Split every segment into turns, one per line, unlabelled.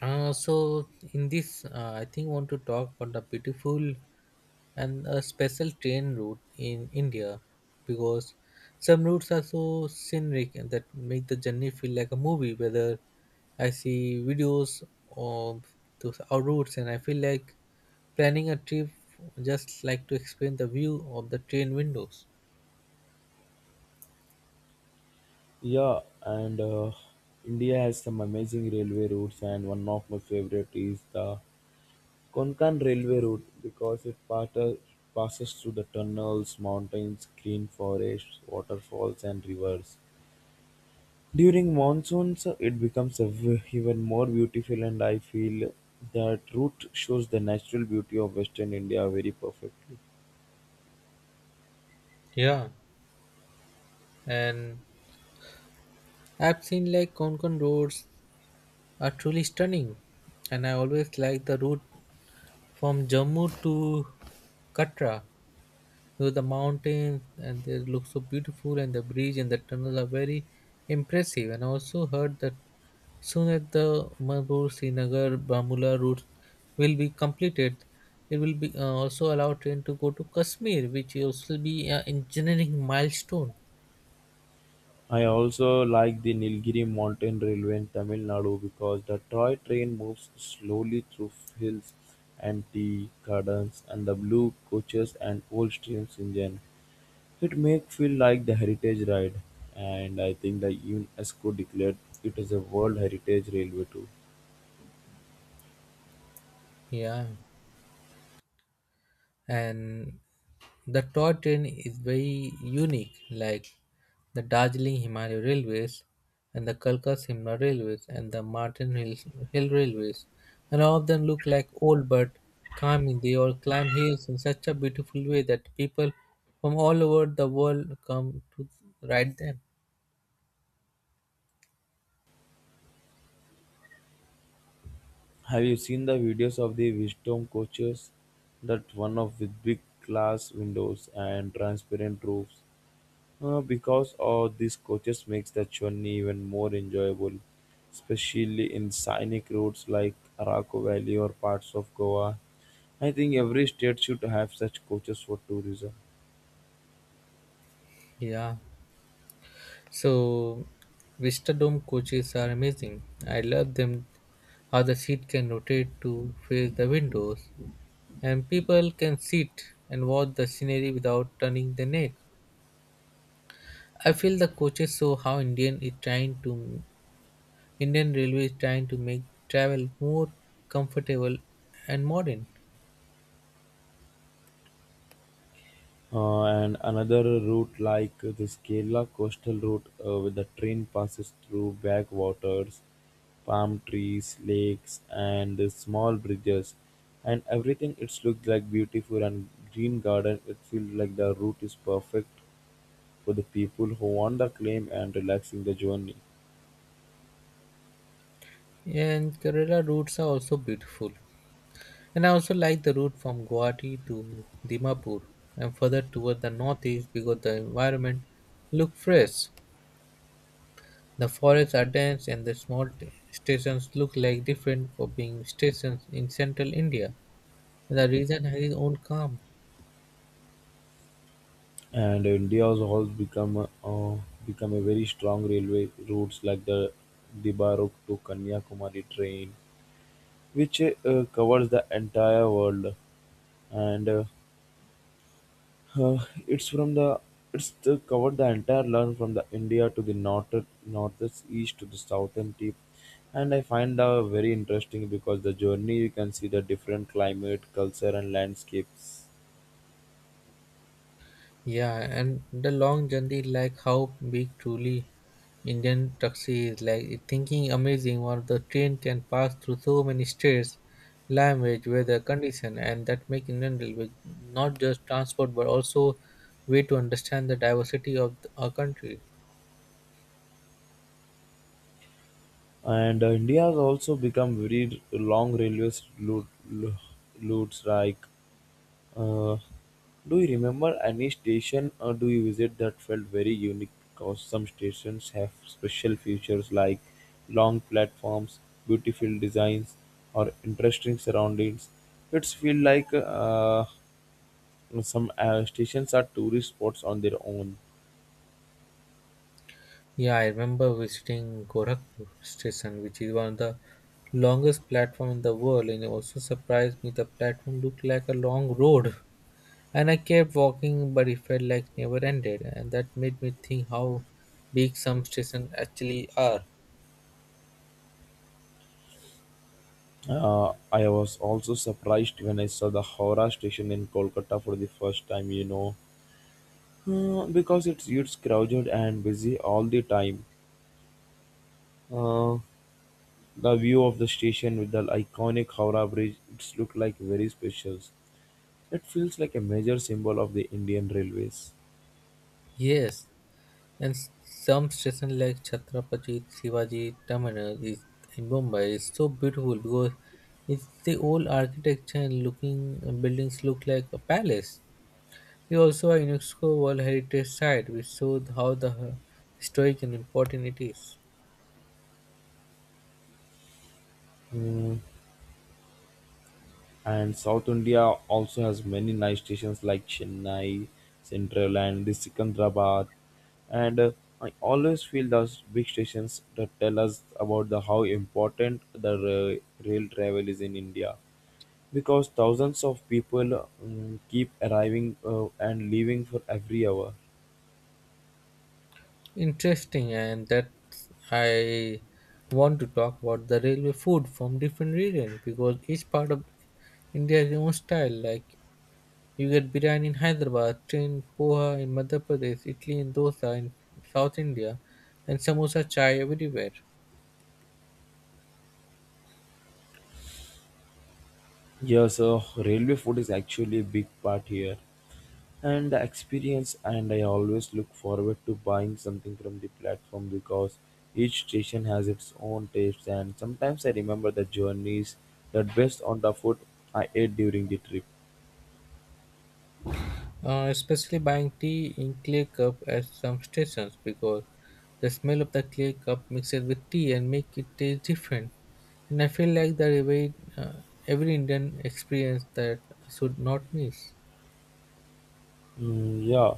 So in this, I think want to talk about the beautiful and a special train route in India because some routes are so scenic and that make the journey feel like a movie. Whether I see videos of those our routes and I feel like planning a trip just like to experience the view of the train windows.
Yeah, and India has some amazing railway routes, and one of my favorite is the Konkan Railway Route because it passes through the tunnels, mountains, green forests, waterfalls, and rivers. During monsoons, it becomes even more beautiful, and I feel that route shows the natural beauty of Western India very perfectly.
Yeah, and I've seen like Konkan roads are truly stunning, and I always like the route from Jammu to Katra. So the mountains and they look so beautiful, and the bridge and the tunnel are very impressive. And I also heard that soon as the Manipur Srinagar Bamula route will be completed, it will be also allow train to go to Kashmir, which will also be an engineering milestone.
I also like the Nilgiri mountain railway in Tamil Nadu because the toy train moves slowly through hills and tea gardens and the blue coaches and old streams engine. It make feel like the heritage ride and I think the UNESCO declared it as a World Heritage Railway too.
Yeah. And the toy train is very unique like the Darjeeling Himalaya Railways and the Kalka Simla Railways and the Martin Hill Railways, and all of them look like old but calming. They all climb hills in such a beautiful way that people from all over the world come to ride them.
Have you seen the videos of the wisdom coaches? That one of with big glass windows and transparent roofs. Because of these coaches makes the journey even more enjoyable, especially in scenic routes like Araku Valley or parts of Goa. I think every state should have such coaches for tourism.
Yeah, so Vista Dome coaches are amazing, I love them. How the seat can rotate to face the windows and people can sit and watch the scenery without turning their neck. I feel the coaches show how Indian Railway is trying to make travel more comfortable and modern.
And another route like the Kerala coastal route, where the train passes through backwaters, palm trees, lakes, and small bridges, and everything. It's looked like beautiful and green garden. It feels like the route is perfect for the people who want the claim and relaxing the journey.
And Kerala routes are also beautiful. And I also like the route from Guwahati to Dimapur and further toward the northeast because the environment look fresh. The forests are dense and the small stations look like different for being stations in central India. The reason his own calm.
And India has also become a very strong railway routes like the Dibaruk to Kanyakumari train, which covers the entire world, and uh, it's from the it's the, covered the entire land from the India to the north northeast east to the southern tip. And I find that very interesting because the journey you can see the different climate, culture, and landscapes.
Yeah, and the long journey, like how big truly Indian taxi is, like thinking amazing. One of the train can pass through so many states, language, weather, condition, and that make Indian railway not just transport but also way to understand the diversity of the, our country.
And India has also become very long railway route, routes. Like, uh, do you remember any station or do you visit that felt very unique? Because some stations have special features like long platforms, beautiful designs, or interesting surroundings. It's feel like some stations are tourist spots on their own.
Yeah, I remember visiting Gorakhpur station, which is one of the longest platform in the world, and it also surprised me. The platform looked like a long road. And I kept walking, but it felt like never ended, and that made me think how big some stations actually are.
I was also surprised when I saw the Howrah station in Kolkata for the first time, you know, because it's crowded and busy all the time. Uh, the view of the station with the iconic Howrah Bridge, it's looked like very special. It feels like a major symbol of the Indian railways.
Yes, and some station like Chhatrapati Shivaji Terminal is in Mumbai is so beautiful because it's the old architecture and looking buildings look like a palace. It's also a UNESCO World Heritage Site, which shows how the historic and important it is.
Hmm. And South India also has many nice stations like Chennai Central and the Secunderabad. And I always feel those big stations that tell us about the how important the rail travel is in India, because thousands of people keep arriving and leaving for every hour.
Interesting, and that I want to talk about the railway food from different regions because each part of India has its own style. Like you get biryani in Hyderabad, train poha in Madhya Pradesh, Italy in dosa in South India, and samosa chai everywhere.
Yes, railway food is actually a big part here. And the experience and I always look forward to buying something from the platform because each station has its own tastes and sometimes I remember the journeys that based on the food I ate during the trip.
Especially buying tea in clay cup at some stations because the smell of the clay cup mixes with tea and make it taste different. And I feel like that every Indian experience that should not miss.
Mm, yeah,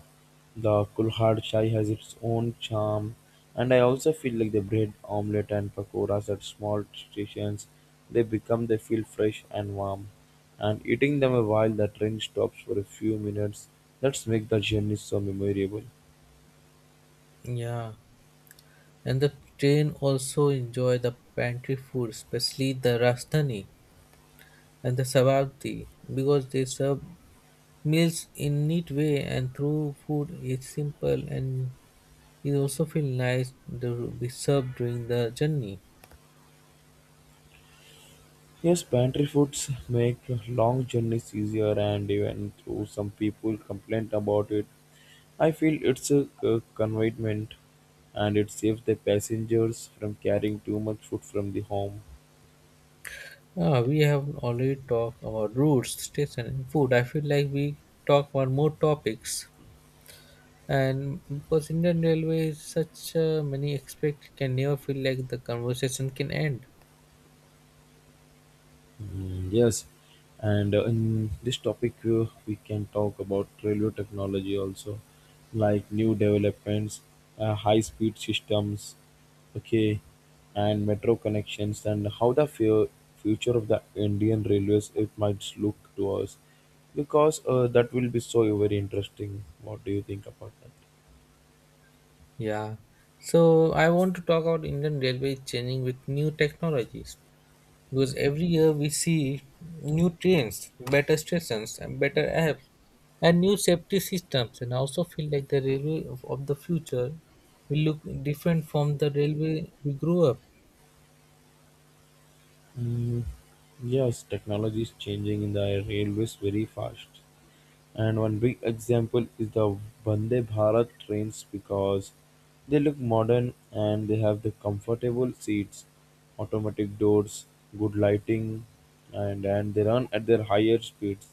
the Kulhad Chai has its own charm, and I also feel like the bread omelette and pakoras at small stations, they feel fresh and warm, and eating them while the train stops for a few minutes, that's make the journey so memorable.
Yeah. And the train also enjoy the pantry food, especially the Rastani and the Sababdi, because they serve meals in neat way and through food is simple and it also feels nice to be served during the journey.
Yes, pantry foods make long journeys easier, and even though some people complain about it, I feel it's a convenient and it saves the passengers from carrying too much food from the home.
Ah, we have already talked about routes, station, and food. I feel like we talk about more topics. And because Indian Railway is such many aspects, it can never feel like the conversation can end.
Mm, yes, and in this topic, we can talk about railway technology also, like new developments, high speed systems, okay, and metro connections, and how the future of the Indian railways it might look to us, because that will be so very interesting. What do you think about that?
Yeah. So I want to talk about Indian Railway changing with new technologies. Because every year we see new trains, better stations, and better apps, and new safety systems. And I also feel like the railway of the future will look different from the railway we grew up.
Mm, yes, technology is changing in the railways very fast. And one big example is the Vande Bharat trains because they look modern and they have the comfortable seats, automatic doors, good lighting, and they run at their higher speeds.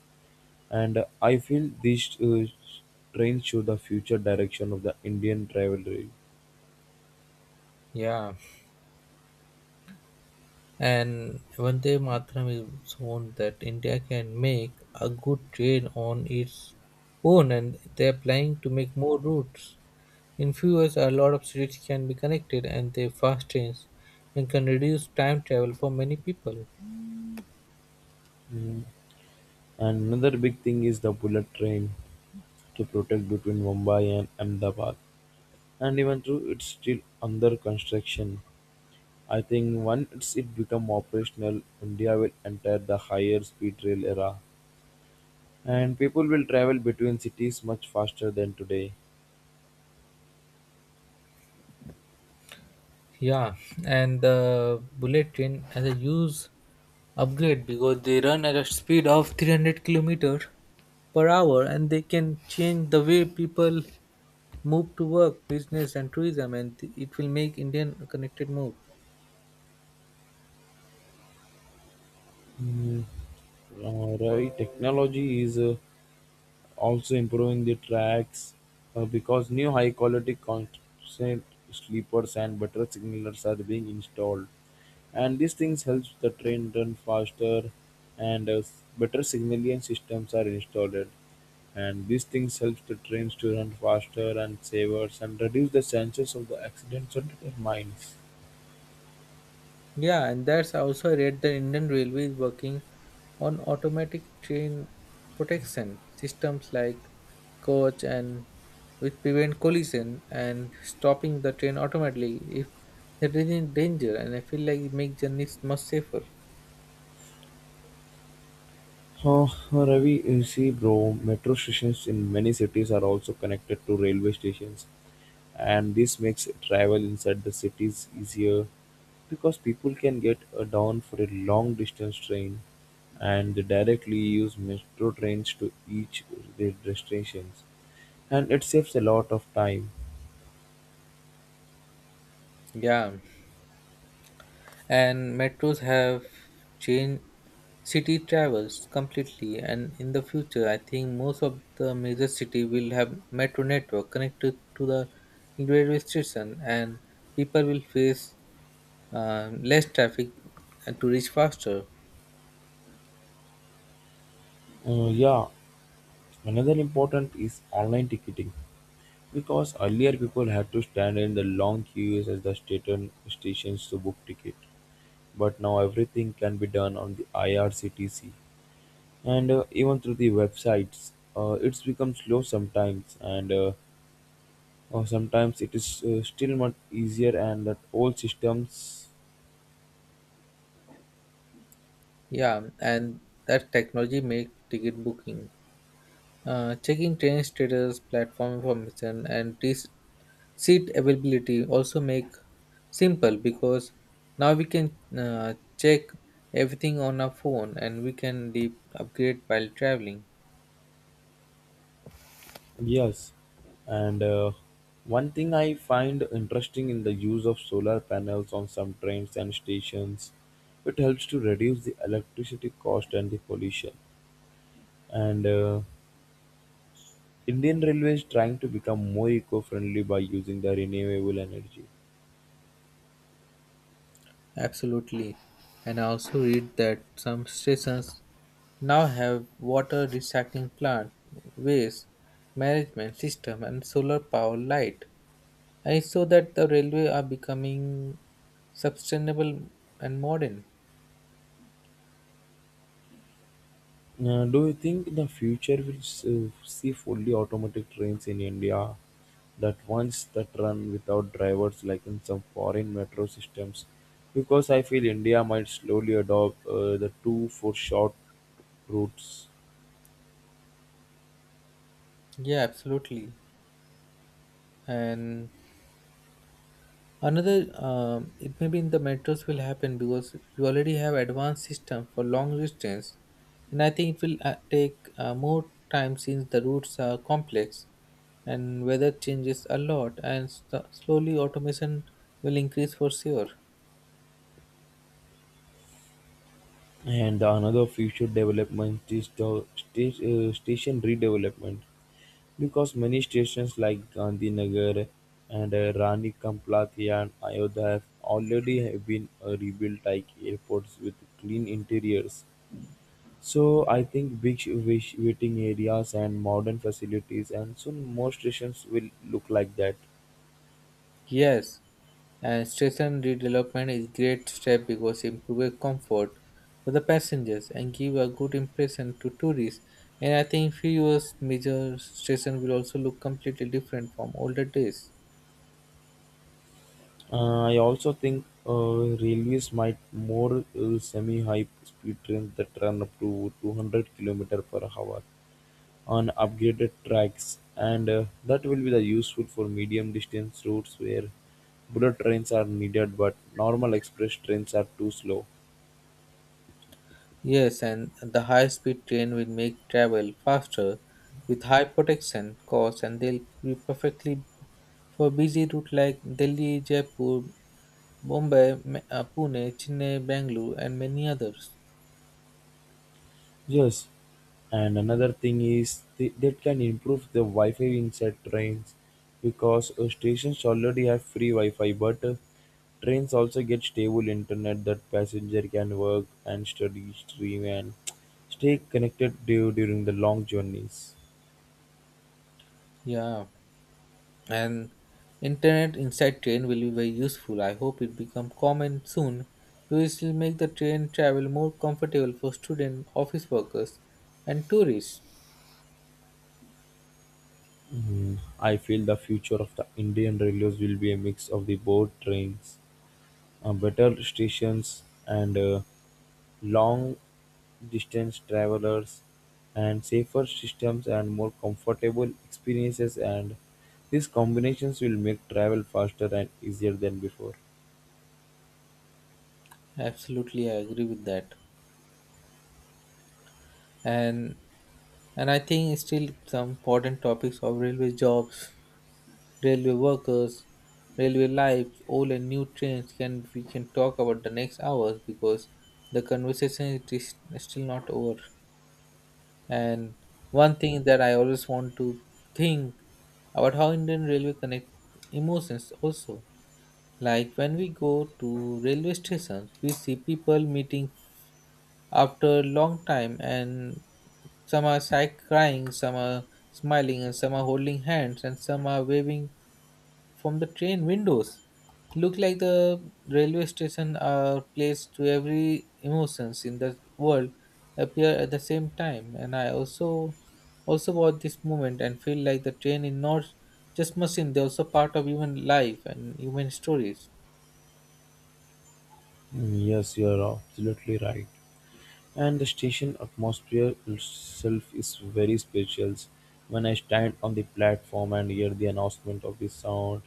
And I feel these trains show the future direction of the Indian travel rail.
Yeah, and Vande Mataram is shown that India can make a good train on its own, and they're planning to make more routes. In few years, a lot of cities can be connected, and they fast trains and can reduce time travel for many people.
Mm. And another big thing is the bullet train to protect between Mumbai and Ahmedabad. And even though it's still under construction. I think once it become operational, India will enter the higher speed rail era, and people will travel between cities much faster than today.
Yeah, and the bullet train has a huge upgrade because they run at a speed of 300 kilometers per hour and they can change the way people move to work, business, and tourism, and it will make Indian a connected more.
Hmm, right, technology is also improving the tracks because new high quality constant sleepers and better signalers are being installed and these things helps the train run faster and better signaling systems are installed and these things helps the trains to run faster and safer and reduce the chances of the accidents and their mines.
Yeah, and that's also I read the Indian Railway is working on automatic train protection systems like coach and which prevent collision and stopping the train automatically if there is any danger, and I feel like it makes journeys much safer.
Uh, Ravi, you see, bro, metro stations in many cities are also connected to railway stations, and this makes travel inside the cities easier because people can get down for a long distance train and they directly use metro trains to each their destinations and it saves a lot of time.
Yeah. And metros have changed city travels completely, and in the future I think most of the major city will have metro network connected to the railway station, and people will face less traffic and to reach faster.
Yeah, another important is online ticketing because earlier people had to stand in the long queues at the station stations to book ticket but now everything can be done on the IRCTC and even through the websites it's become slow sometimes and or sometimes it is still much easier and that old systems.
Yeah, and that technology make ticket booking. Checking train status, platform information, and seat availability also make simple because now we can check everything on our phone and we can upgrade while traveling.
Yes, and one thing I find interesting in the use of solar panels on some trains and stations it helps to reduce the electricity cost and the pollution and Indian railways trying to become more eco-friendly by using the renewable energy.
Absolutely. And I also read that some stations now have water recycling plant, waste management system, and solar power light. I saw that the railway are becoming sustainable and modern.
Do you think the future will see fully automatic trains in India that once that run without drivers like in some foreign metro systems? Because I feel India might slowly adopt the two for short routes.
Yeah, absolutely. And another, it may be in the metros will happen because we already have advanced system for long distance, and I think it will take more time since the routes are complex and weather changes a lot, and s slowly automation will increase for sure.
And another future development is the station redevelopment. Because many stations like Gandhinagar and Rani Kamplakia and Ayodhya have already have been rebuilt like airports with clean interiors. So I think big waiting areas and modern facilities and soon more stations will look like that.
Yes, and station redevelopment is great step because improve comfort for the passengers and give a good impression to tourists. And I think fewer major station will also look completely different from older days.
I also think railways might more semi-high speed trains that run up to 200 km per hour on upgraded tracks, and that will be the useful for medium distance routes where bullet trains are needed, but normal express trains are too slow.
Yes, and the high speed train will make travel faster with high protection costs, and they'll be perfectly for busy route like Delhi, Jaipur, Bombay, Pune, Chennai, Bangalore and many others.
Yes, and another thing is that can improve the Wi-Fi inside trains because stations already have free Wi-Fi, but trains also get stable internet that passenger can work and study, stream, and stay connected during the long journeys.
Yeah. And internet inside train will be very useful, I hope it become common soon, which will make the train travel more comfortable for student office workers and tourists.
I feel the future of the Indian Railways will be a mix of the board trains, better stations, and long distance travelers, and safer systems and more comfortable experiences. And these combinations will make travel faster and easier than before.
Absolutely, I agree with that. And I think still some important topics of railway jobs, railway workers, railway lives, old and new trains can we can talk about the next hours because the conversation is still not over. And one thing that I always want to think about how Indian railway connect emotions also. Like when we go to railway stations, we see people meeting after a long time, and some are crying, some are smiling and some are holding hands and some are waving from the train windows. Look like the railway station are placed to every emotions in the world appear at the same time, and I also about this moment and feel like the train is not just machine, they're also part of human life and human stories.
Mm, yes, you are absolutely right. And the station atmosphere itself is very special. When I stand on the platform and hear the announcement of the sound,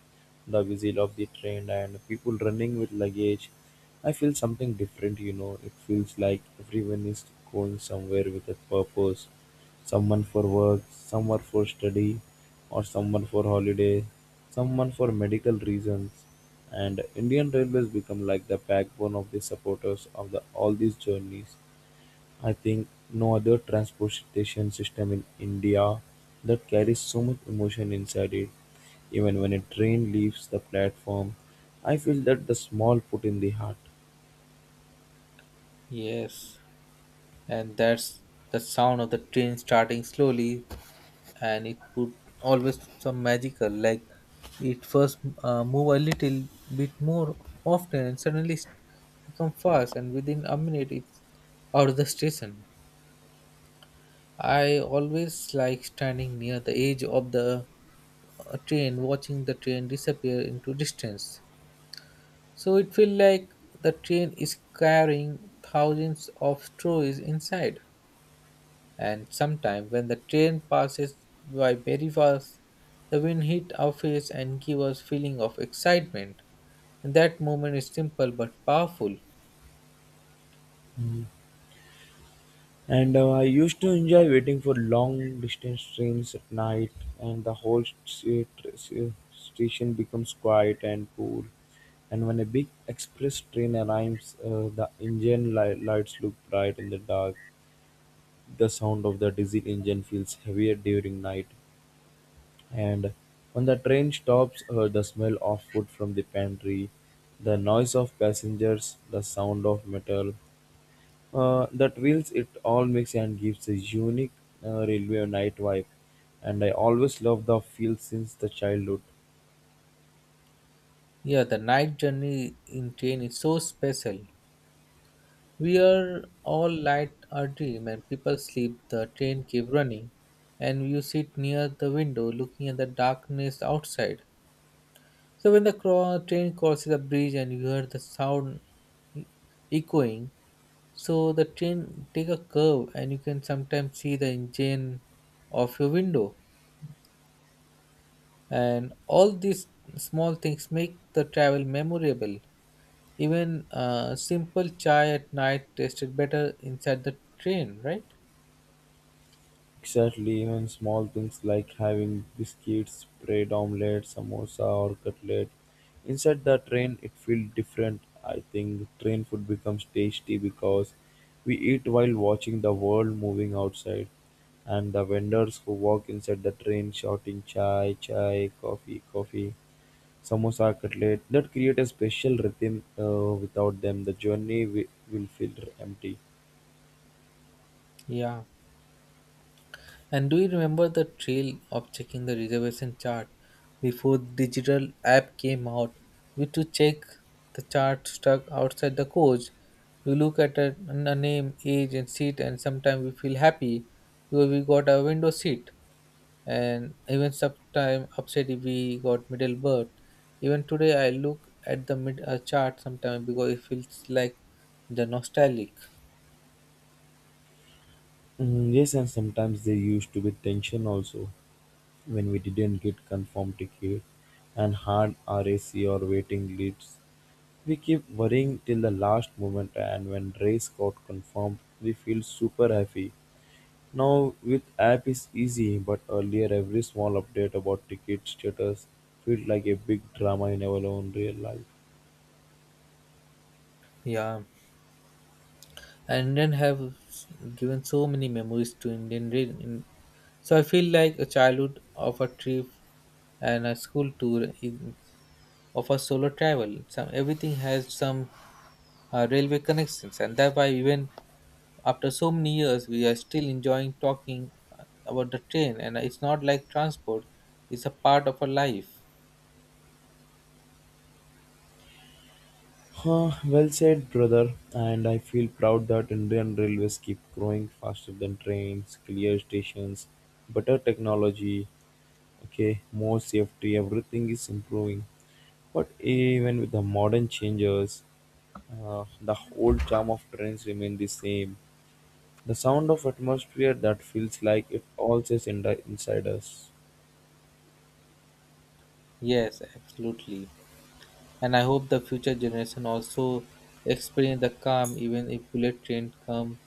the whistle of the train, and people running with luggage, I feel something different, you know. It feels like everyone is going somewhere with a purpose, someone for work, someone for study, or someone for holiday, someone for medical reasons. And Indian Railways become like the backbone of the supporters of the, all these journeys. I think no other transportation system in India that carries so much emotion inside it. Even when a train leaves the platform, I feel that the small put in the heart.
Yes, and that's the sound of the train starting slowly, and it put always some magical. Like it first move a little bit more often, and suddenly become fast, and within a minute it's out of the station. I always like standing near the edge of the train, watching the train disappear into distance. So it feel like the train is carrying thousands of stories inside, and sometime when the train passes by very fast, the wind hit our face and give us feeling of excitement. And that moment is simple but powerful.
And I used to enjoy waiting for long distance trains at night, and the whole station becomes quiet and cool. And when a big express train arrives, the engine lights look bright in the dark. The sound of the diesel engine feels heavier during night. And when the train stops, the smell of food from the pantry, the noise of passengers, the sound of metal, the reels it all makes and gives a unique railway night vibe. And I always loved the feel since the childhood.
Yeah, the night journey in train is so special. We are all light our dream and people sleep, the train keep running, and you sit near the window looking at the darkness outside. So when the train crosses a bridge and you hear the sound e-, echoing, so the train take a curve and you can sometimes see the engine of your window. And all these small things make the travel memorable. Even simple chai at night tasted better inside the train, right?
Exactly, even small things like having biscuits, bread omelette, samosa, or cutlet inside the train, it feels different. I think train food becomes tasty because we eat while watching the world moving outside, and the vendors who walk inside the train shouting chai, chai, coffee, coffee, samosa, cutlet that create a special rhythm. Without them, the journey will feel empty.
Yeah. And do you remember the thrill of checking the reservation chart before digital app came out? We to check the chart stuck outside the coach. We look at a name, age, and seat, and sometimes we feel happy because we got a window seat, and even sometimes upset if we got middle berth. Even today, I look at the mid chart sometimes because it feels like the nostalgic.
Mm, yes, and sometimes there used to be tension also when we didn't get confirmed ticket and hard RAC or waiting lists. We keep worrying till the last moment, and when race got confirmed, we feel super happy. Now with app is easy, but earlier every small update about ticket status felt like a big drama in our own real life.
Yeah. And Indian have given so many memories to Indian. So I feel like a childhood of a trip and a school tour in, of a solo travel. Some everything has some railway connections, and that's why even after so many years, we are still enjoying talking about the train. And it's not like transport; it's a part of our life.
Huh, well said, brother. And I feel proud that Indian railways keep growing faster than trains, clear stations, better technology, okay, more safety, everything is improving. But even with the modern changes, the old charm of trains remain the same. The sound of atmosphere that feels like it all says in inside us.
Yes, absolutely. And I hope the future generation also experience the calm, even if bullet train come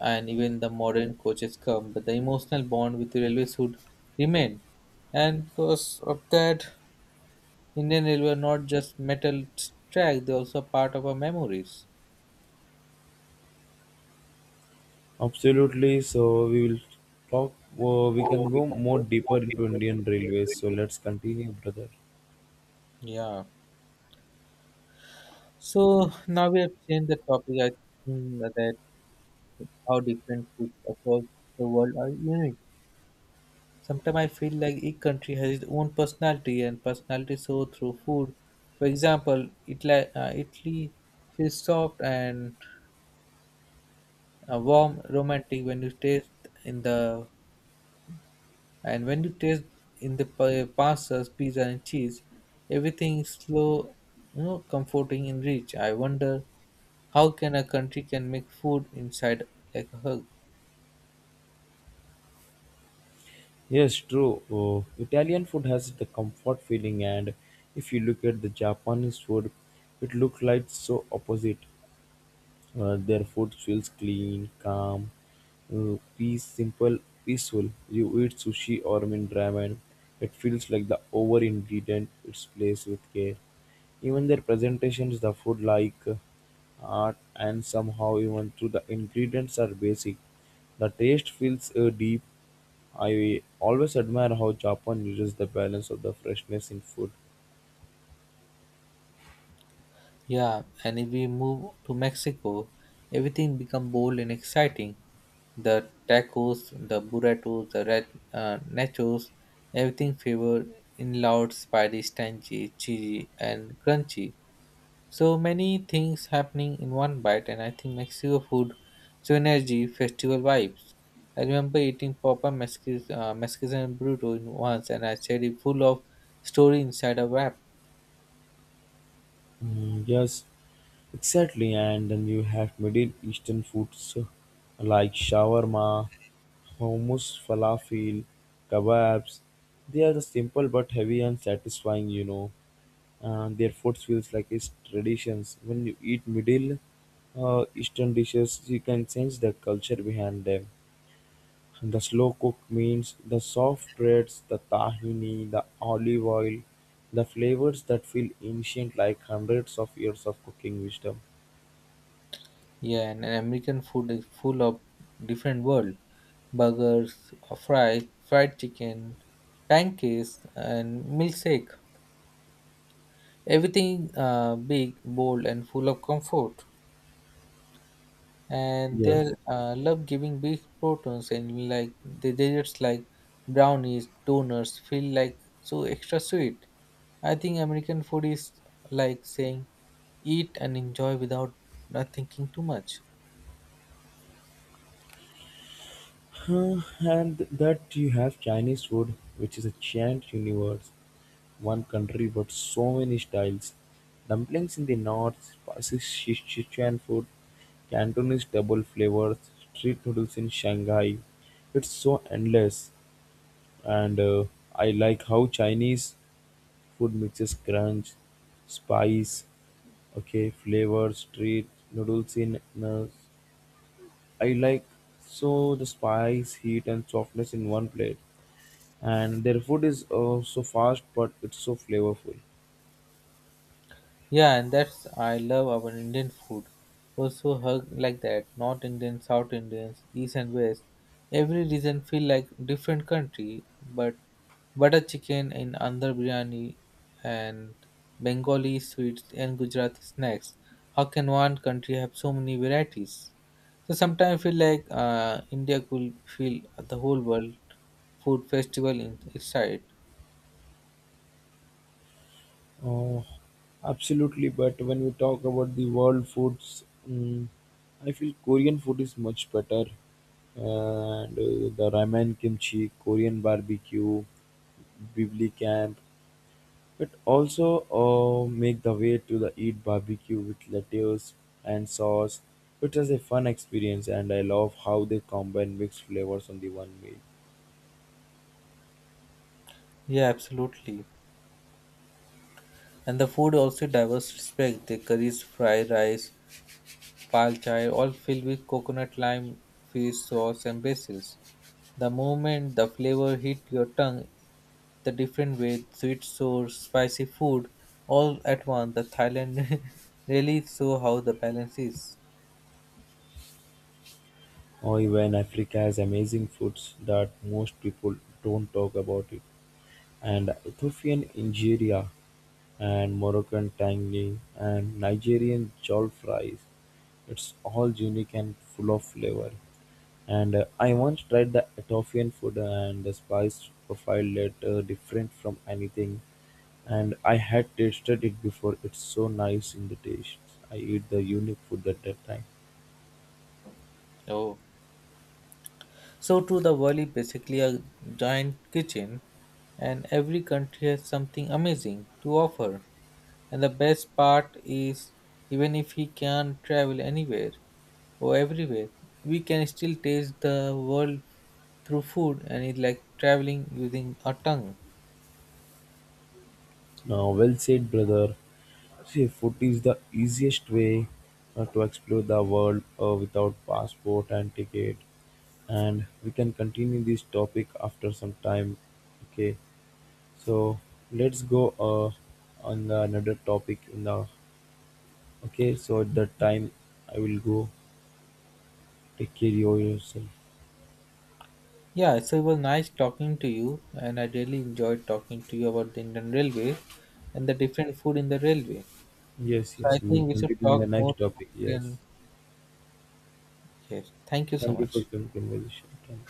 and even the modern coaches come, but the emotional bond with the railways would remain. And because of that, Indian Railway are not just metal track; they're also part of our memories.
Absolutely. So we will talk. We can go more deeper into Indian railways. So let's continue, brother.
Yeah. So now we have changed the topic. I think that how different foods across the world are unique. Sometimes I feel like each country has its own personality and personality show through food. For example, Italy feels soft and warm, romantic when you taste in the and when you taste in the pastas, pizza and cheese. Everything is slow, comforting and rich. I wonder how can a country can make food inside like a hug.
Yes, true. Italian food has the comfort feeling, and if you look at the Japanese food, it looks like so opposite. Their food feels clean, calm, peace, simple, peaceful. You eat sushi or I mean ramen, it feels like the over ingredient it's placed with care. Even their presentations, the food like art, and somehow even through the ingredients are basic. The taste feels deep. I always admire how Japan uses the balance of the freshness in food.
Yeah, and if we move to Mexico, everything become bold and exciting. The tacos, the burritos, the nachos, everything favored in loud, spicy, tangy, cheesy, and crunchy. So many things happening in one bite, and I think Mexico food, so energy, festival vibes. I remember eating Papa Mexican burrito in once, and I said it full of story inside a wrap.
Mm, yes, exactly. And then you have Middle Eastern foods like shawarma, hummus, falafel, kebabs. They are the simple but heavy and satisfying, you know. And their food feels like it's traditions. When you eat Middle Eastern dishes, you can sense the culture behind them. The slow cook means the soft breads, the tahini, the olive oil, the flavors that feel ancient like hundreds of years of cooking wisdom.
Yeah, and American food is full of different world. Burgers, fries, fried chicken, pancakes, and milkshake. Everything big, bold, and full of comfort. And they
Yes.
love giving big proteins and like the desserts like brownies, donuts feel like so extra sweet. I think American food is like saying eat and enjoy without not thinking too much.
Huh, and that you have Chinese food, which is a giant universe, one country but so many styles. Dumplings in the north, spicy Sichuan food, Cantonese double flavors, street noodles in Shanghai. It's so endless, and I like how Chinese Food mixes crunch, spice, okay, flavor, street noodles in I like so the spice, heat, and softness in one plate. And their food is so fast, but it's so flavorful.
Yeah, and that's I love our Indian food. Also hug like that, North Indian, South Indians, East and West. Every region feel like different country, but butter chicken in Andhra biryani and Bengali sweets and Gujarati snacks. How can one country have so many varieties? So sometimes I feel like India could feel the whole world food festival in its side.
Oh, absolutely. But when we talk about the world foods, mm, I feel Korean food is much better. And the ramen, kimchi, Korean barbecue, bibli camp, it also make the way to the eat barbecue with lettuce and sauce. It was a fun experience, and I love how they combine mixed flavors on the one meal.
Yeah, absolutely. And the food also diverse respect. The curries, fried rice, pal chai, all filled with coconut, lime, fish sauce, and basil. The moment the flavor hit your tongue, the different way, sweet, sour, spicy food, all at once. The Thailand really show how the balance is.
Or even Africa has amazing foods that most people don't talk about it. And Ethiopian injera and Moroccan tangy and Nigerian jollof rice. It's all unique and full of flavor. And I once tried the Ethiopian food and the spice profile that different from anything. And I had tasted it before. It's so nice in the taste. I eat the unique food at that time.
Oh. So too, the world is basically a giant kitchen, and every country has something amazing to offer. And the best part is, even if he can't travel anywhere or everywhere, we can still taste the world through food, and it's like traveling using our tongue.
Now, well said, brother. See, food is the easiest way to explore the world without passport and ticket. And we can continue this topic after some time. Okay, so let's go on the another topic in the. Okay, so at that time, I will go. Take care of yourself.
Yeah, so it was nice talking to you, and I really enjoyed talking to you about the Indian Railway and the different food in the railway.
Yes,
So I
yes, we will
think we should
continue in the
talk more
next topic. Yes.
often. Yes, thank you so
Thank you for the
much.
conversation. Thank you.